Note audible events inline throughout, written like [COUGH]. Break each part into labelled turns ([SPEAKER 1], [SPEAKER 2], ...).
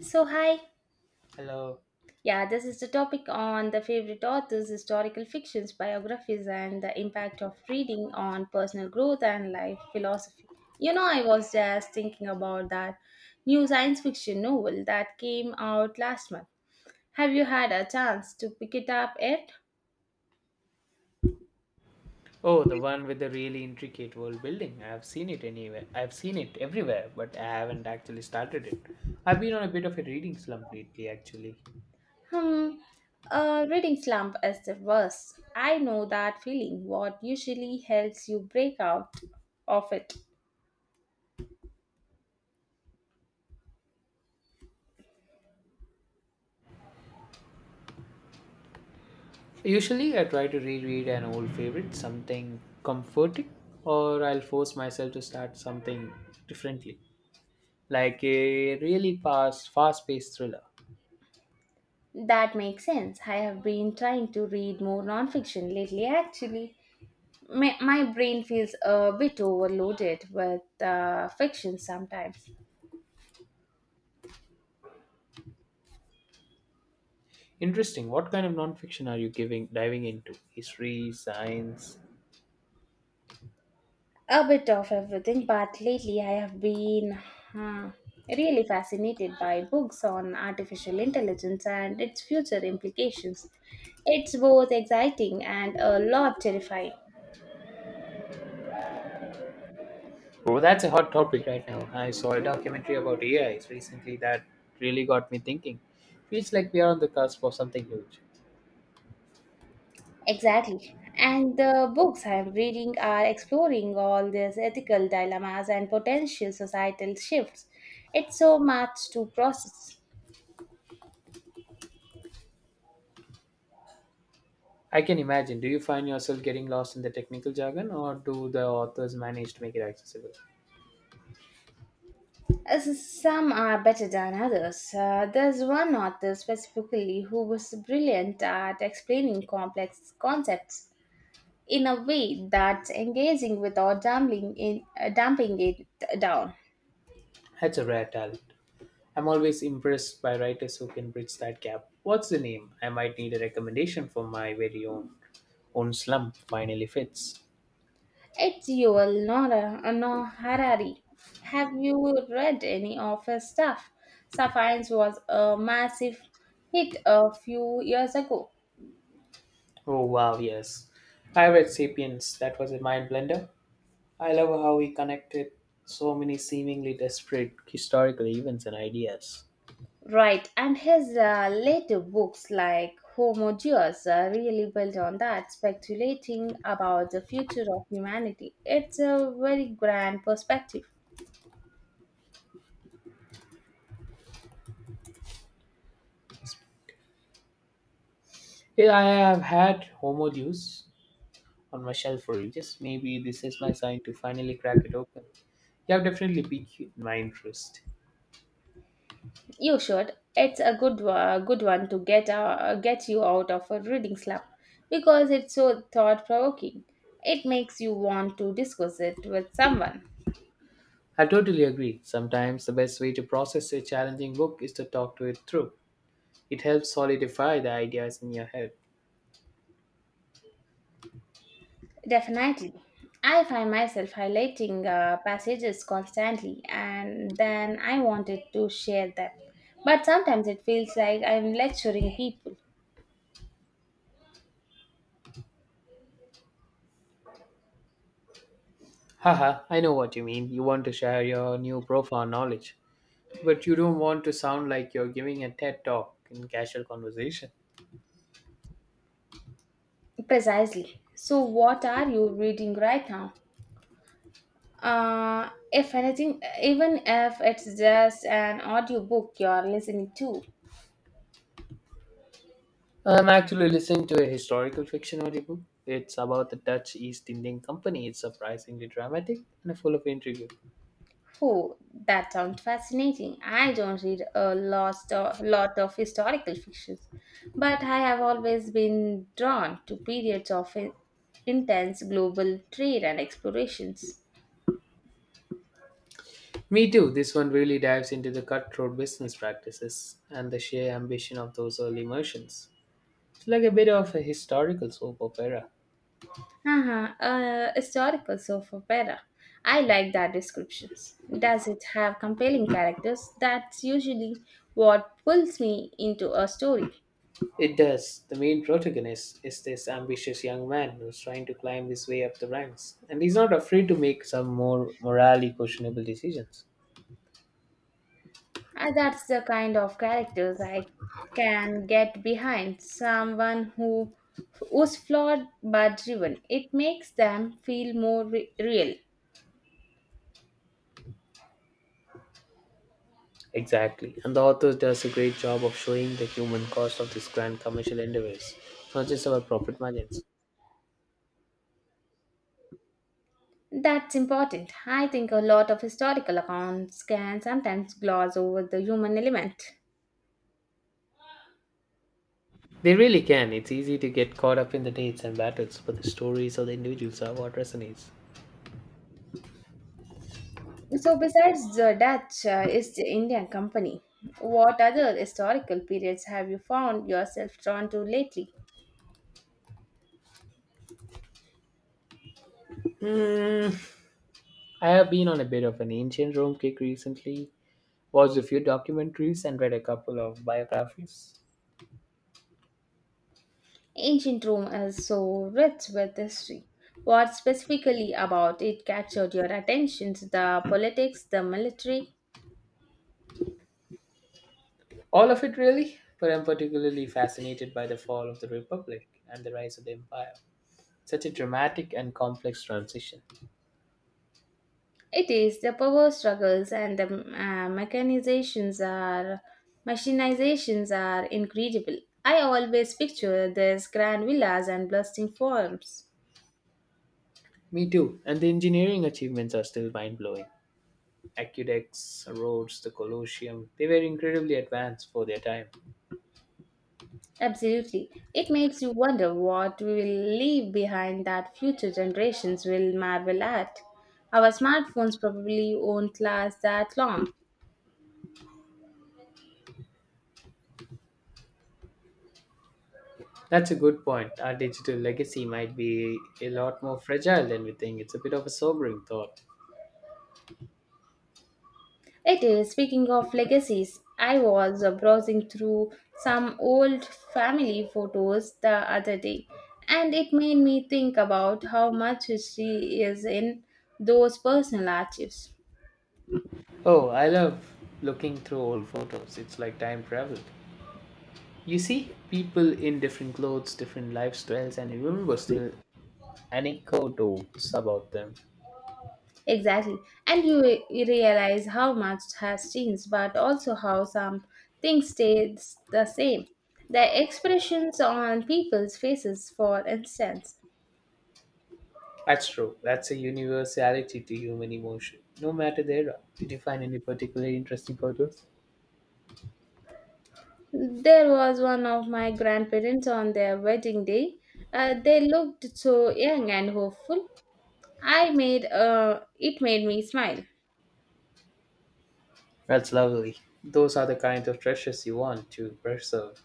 [SPEAKER 1] So, hi.
[SPEAKER 2] Hello.
[SPEAKER 1] Yeah, this is the topic on the favorite authors, historical fictions, biographies, and the impact of reading on personal growth and life philosophy. You know, I was just thinking about that new science fiction novel that came out last month. Have you had a chance to pick it up yet?
[SPEAKER 2] Oh, the one with the really intricate world building. I have seen it anywhere. I've seen it everywhere, but I haven't actually started it. I've been on a bit of a reading slump lately, actually.
[SPEAKER 1] Hmm, a reading slump is the worst. I know that feeling. What usually helps you break out of it?
[SPEAKER 2] Usually, I try to reread an old favorite, something comforting, or I'll force myself to start something differently, like a really fast, fast-paced thriller.
[SPEAKER 1] That makes sense. I have been trying to read more nonfiction lately, actually. My brain feels a bit overloaded with fiction sometimes.
[SPEAKER 2] Interesting. What kind of nonfiction are you giving diving into? History, science?
[SPEAKER 1] A bit of everything, but lately I have been uh, really fascinated by books on artificial intelligence and its future implications. It's both exciting and a lot terrifying.
[SPEAKER 2] Bro, that's a hot topic right now. I saw a documentary about AIs recently that really got me thinking. Feels like we are on the cusp of something huge.
[SPEAKER 1] Exactly. And the books I'm reading are exploring all these ethical dilemmas and potential societal shifts. It's so much to process.
[SPEAKER 2] I can imagine. Do you find yourself getting lost in the technical jargon, or do the authors manage to make it accessible?
[SPEAKER 1] As Some are better than others. There's one author specifically who was brilliant at explaining complex concepts in a way that's engaging without dumping it down.
[SPEAKER 2] That's a rare talent. I'm always impressed by writers who can bridge that gap. What's the name? I might need a recommendation for my very own slump finally fits.
[SPEAKER 1] It's Yuval Noah Noah Harari. Have you read any of his stuff? Sapiens was a massive hit a few years ago.
[SPEAKER 2] Oh wow, yes. I read *Sapiens*. That was a mind blender. I love how he connected so many seemingly desperate historical events and ideas.
[SPEAKER 1] Right, and his later books like Homo Deus really built on that, speculating about the future of humanity. It's a very grand perspective.
[SPEAKER 2] Yeah, I have had Homo Deus on my shelf for ages. Maybe this is my sign to finally crack it open. You have definitely piqued my interest.
[SPEAKER 1] You should. It's a good one to get you out of a reading slump because it's so thought provoking. It makes you want to discuss it with someone.
[SPEAKER 2] I totally agree. Sometimes the best way to process a challenging book is to talk to it through. It helps solidify the ideas in your head.
[SPEAKER 1] Definitely. I find myself highlighting passages constantly and then I wanted to share them. But sometimes it feels like I'm lecturing people.
[SPEAKER 2] Haha, I know what you mean. You want to share your new profound knowledge, but you don't want to sound like you're giving a TED talk in casual conversation.
[SPEAKER 1] Precisely. So, what are you reading right now? If anything, even if it's just an audiobook you're listening to.
[SPEAKER 2] I'm actually listening to a historical fiction audiobook. It's about the Dutch East Indian Company. It's surprisingly dramatic and full of intrigue.
[SPEAKER 1] Oh, that sounds fascinating. I don't read a lot of historical fictions, but I have always been drawn to periods of intense global trade and explorations.
[SPEAKER 2] Me too. This one really dives into the cutthroat business practices and the sheer ambition of those early merchants. It's like a bit of a historical soap opera.
[SPEAKER 1] Uh-huh, historical soap opera. I like that descriptions. Does it have compelling characters? That's usually what pulls me into a story.
[SPEAKER 2] It does. The main protagonist is this ambitious young man who's trying to climb his way up the ranks, and he's not afraid to make some more morally questionable decisions.
[SPEAKER 1] And that's the kind of characters I can get behind. Someone who's flawed but driven. It makes them feel more real.
[SPEAKER 2] Exactly. And the author does a great job of showing the human cost of these grand commercial endeavors, not just about profit margins.
[SPEAKER 1] That's important. I think a lot of historical accounts can sometimes gloss over the human element.
[SPEAKER 2] They really can. It's easy to get caught up in the dates and battles, but the stories of the individuals are what resonates.
[SPEAKER 1] So, besides the Dutch, East Indian Company, what other historical periods have you found yourself drawn to lately?
[SPEAKER 2] Hmm. I have been on a bit of an ancient Rome kick recently, watched a few documentaries, and read a couple of biographies.
[SPEAKER 1] Ancient Rome is so rich with history. What specifically about it captured your attention? The politics, the military?
[SPEAKER 2] All of it, really, but I'm particularly fascinated by the fall of the Republic and the rise of the Empire. Such a dramatic and complex transition.
[SPEAKER 1] It is the power struggles and the mechanizations are machinizations are incredible. I always picture these grand villas and bustling forums.
[SPEAKER 2] Me too. And the engineering achievements are still mind blowing. Aqueducts, roads, the Colosseum, they were incredibly advanced for their time.
[SPEAKER 1] Absolutely. It makes you wonder what we will leave behind that future generations will marvel at. Our smartphones probably won't last that long.
[SPEAKER 2] That's a good point. Our digital legacy might be a lot more fragile than we think. It's a bit of a sobering thought.
[SPEAKER 1] It is. Speaking of legacies, I was browsing through some old family photos the other day, and it made me think about how much history is in those personal archives.
[SPEAKER 2] Oh, I love looking through old photos. It's like time travel. You see people in different clothes, different lifestyles, and you remember still anecdotes about them.
[SPEAKER 1] Exactly. And you realize how much has changed, but also how some things stays the same. The expressions on people's faces, for instance.
[SPEAKER 2] That's true. That's a universality to human emotion, no matter the era. Did you find any particularly interesting photos?
[SPEAKER 1] There was one of my grandparents on their wedding day. They looked so young and hopeful. I made it made me smile.
[SPEAKER 2] That's lovely. Those are the kind of treasures you want to preserve.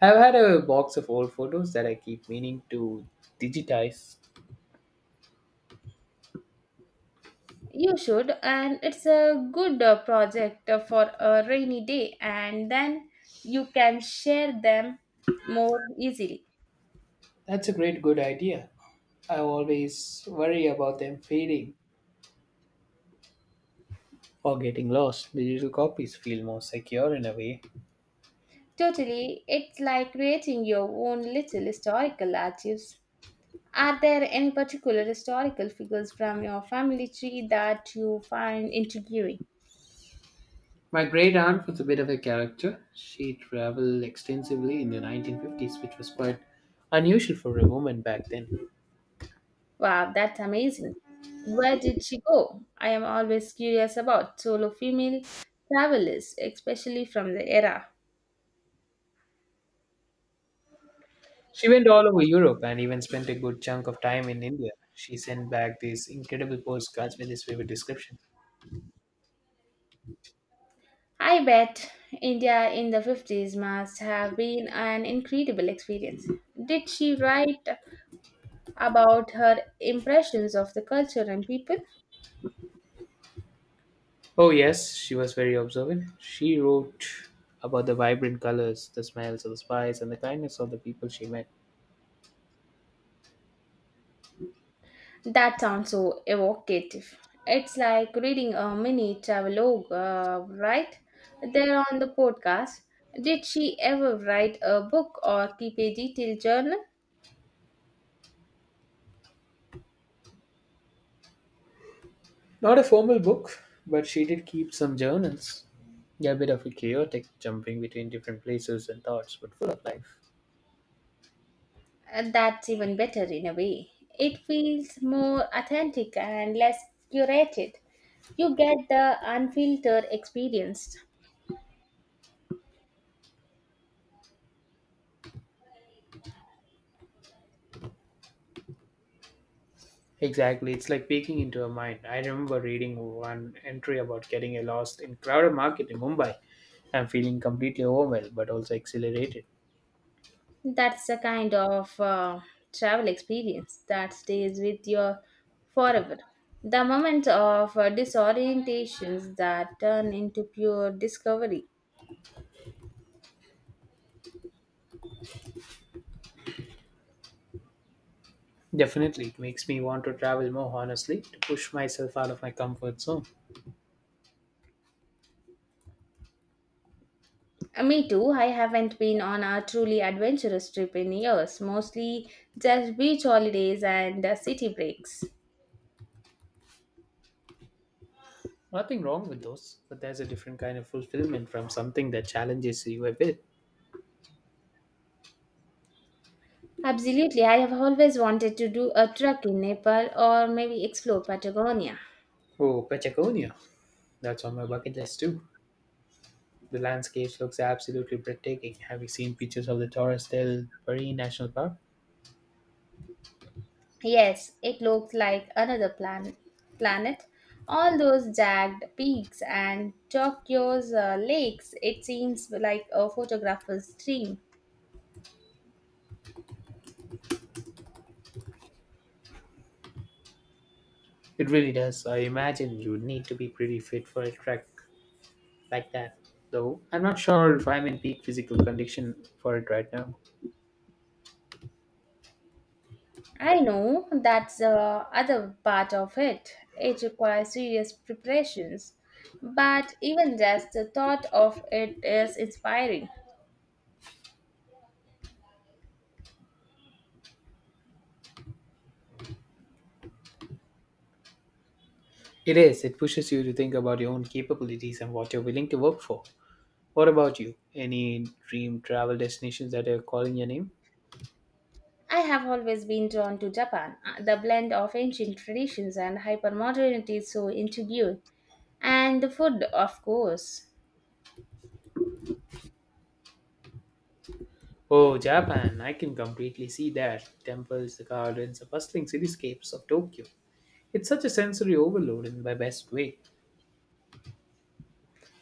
[SPEAKER 2] I've had a box of old photos that I keep meaning to digitize.
[SPEAKER 1] You should, and it's a good project for a rainy day, and then you can share them more easily.
[SPEAKER 2] That's a great good idea. I always worry about them fading or getting lost. Digital copies feel more secure in a way.
[SPEAKER 1] Totally, it's like creating your own little historical archives. Are there any particular historical figures from your family tree that you find intriguing?
[SPEAKER 2] My great aunt was a bit of a character. She traveled extensively in the 1950s, which was quite unusual for a woman back then.
[SPEAKER 1] Wow, that's amazing. Where did she go? I am always curious about solo female travelers, especially from the era.
[SPEAKER 2] She went all over Europe and even spent a good chunk of time in India. She sent back these incredible postcards with his vivid descriptions.
[SPEAKER 1] I bet India in the 50s must have been an incredible experience. Did she write about her impressions of the culture and people?
[SPEAKER 2] Oh, yes, she was very observant. She wrote about the vibrant colors, the smells of the spice, and the kindness of the people she met.
[SPEAKER 1] That sounds so evocative. It's like reading a mini travelogue, right? There on the podcast. Did she ever write a book or keep a detailed journal?
[SPEAKER 2] Not a formal book, but she did keep some journals. They a bit of a chaotic, jumping between different places and thoughts, but full of life.
[SPEAKER 1] That's even better in a way. It feels more authentic and less curated. You get the unfiltered experience.
[SPEAKER 2] Exactly, it's like peeking into her mind. I remember reading one entry about getting a lost in crowded market in Mumbai. I'm feeling completely overwhelmed, but also exhilarated.
[SPEAKER 1] That's the kind of travel experience that stays with you forever. The moment of disorientations that turn into pure discovery.
[SPEAKER 2] Definitely, it makes me want to travel more honestly to push myself out of my comfort zone.
[SPEAKER 1] Me too, I haven't been on a truly adventurous trip in years, mostly just beach holidays and city breaks.
[SPEAKER 2] Nothing wrong with those, but there's a different kind of fulfillment from something that challenges you a bit.
[SPEAKER 1] Absolutely, I have always wanted to do a trek in Nepal or maybe explore Patagonia.
[SPEAKER 2] Oh, Patagonia. That's on my bucket list too. The landscapes looks absolutely breathtaking. Have you seen pictures of the Torres del Paine National Park?
[SPEAKER 1] Yes, it looked like another planet. All those jagged peaks and Tokyo's lakes, it seems like a photographer's dream.
[SPEAKER 2] It really does. I imagine you would need to be pretty fit for a trek like that. Though I'm not sure if I'm in peak physical condition for it right now.
[SPEAKER 1] I know that's the other part of it. It requires serious preparations, but even just the thought of it is inspiring.
[SPEAKER 2] It is. It pushes you to think about your own capabilities and what you're willing to work for. What about you? Any dream travel destinations that are calling your name?
[SPEAKER 1] I have always been drawn to Japan. The blend of ancient traditions and hypermodernity is so intriguing, and the food, of course.
[SPEAKER 2] Oh, Japan. I can completely see that. Temples, the gardens, the bustling cityscapes of Tokyo. It's such a sensory overload in my best way.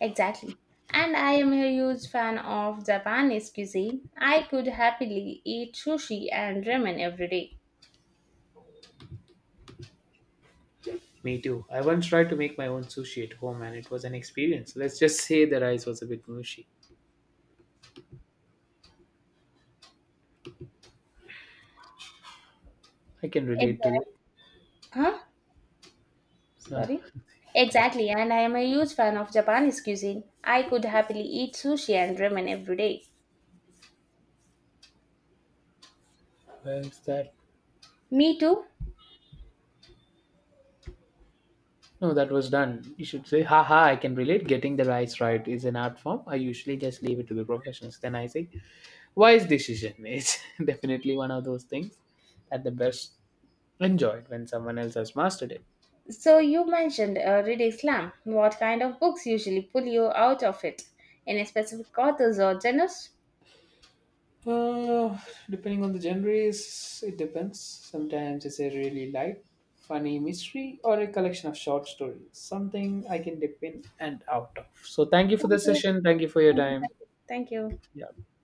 [SPEAKER 1] Exactly. And I am a huge fan of Japanese cuisine. I could happily eat sushi and ramen every day.
[SPEAKER 2] Me too. I once tried to make my own sushi at home and it was an experience. Let's just say the rice was a bit mushy. I can relate to
[SPEAKER 1] Exactly.
[SPEAKER 2] that.
[SPEAKER 1] Huh?
[SPEAKER 2] Uh,
[SPEAKER 1] Sorry? Exactly. And I am a huge fan of Japanese cuisine. I could happily eat sushi and ramen every day.
[SPEAKER 2] where is that?
[SPEAKER 1] Me too.
[SPEAKER 2] No, that was done. You should say, haha, I can relate. Getting the rice right is an art form. I usually just leave it to the professionals. Then I say, wise decision. [LAUGHS] It's definitely one of those things at the best enjoyed when someone else has mastered it.
[SPEAKER 1] So you mentioned reading slam. What kind of books usually pull you out of it? Any specific authors or genres?
[SPEAKER 2] Uh, Depending on the genres, it depends. Sometimes it's a really light, funny mystery or a collection of short stories, something I can dip in and out of. So, thank you for the
[SPEAKER 1] Thank you.
[SPEAKER 2] session. Thank you for your
[SPEAKER 1] Thank you.
[SPEAKER 2] time.
[SPEAKER 1] Thank you. Thank you.
[SPEAKER 2] Yeah.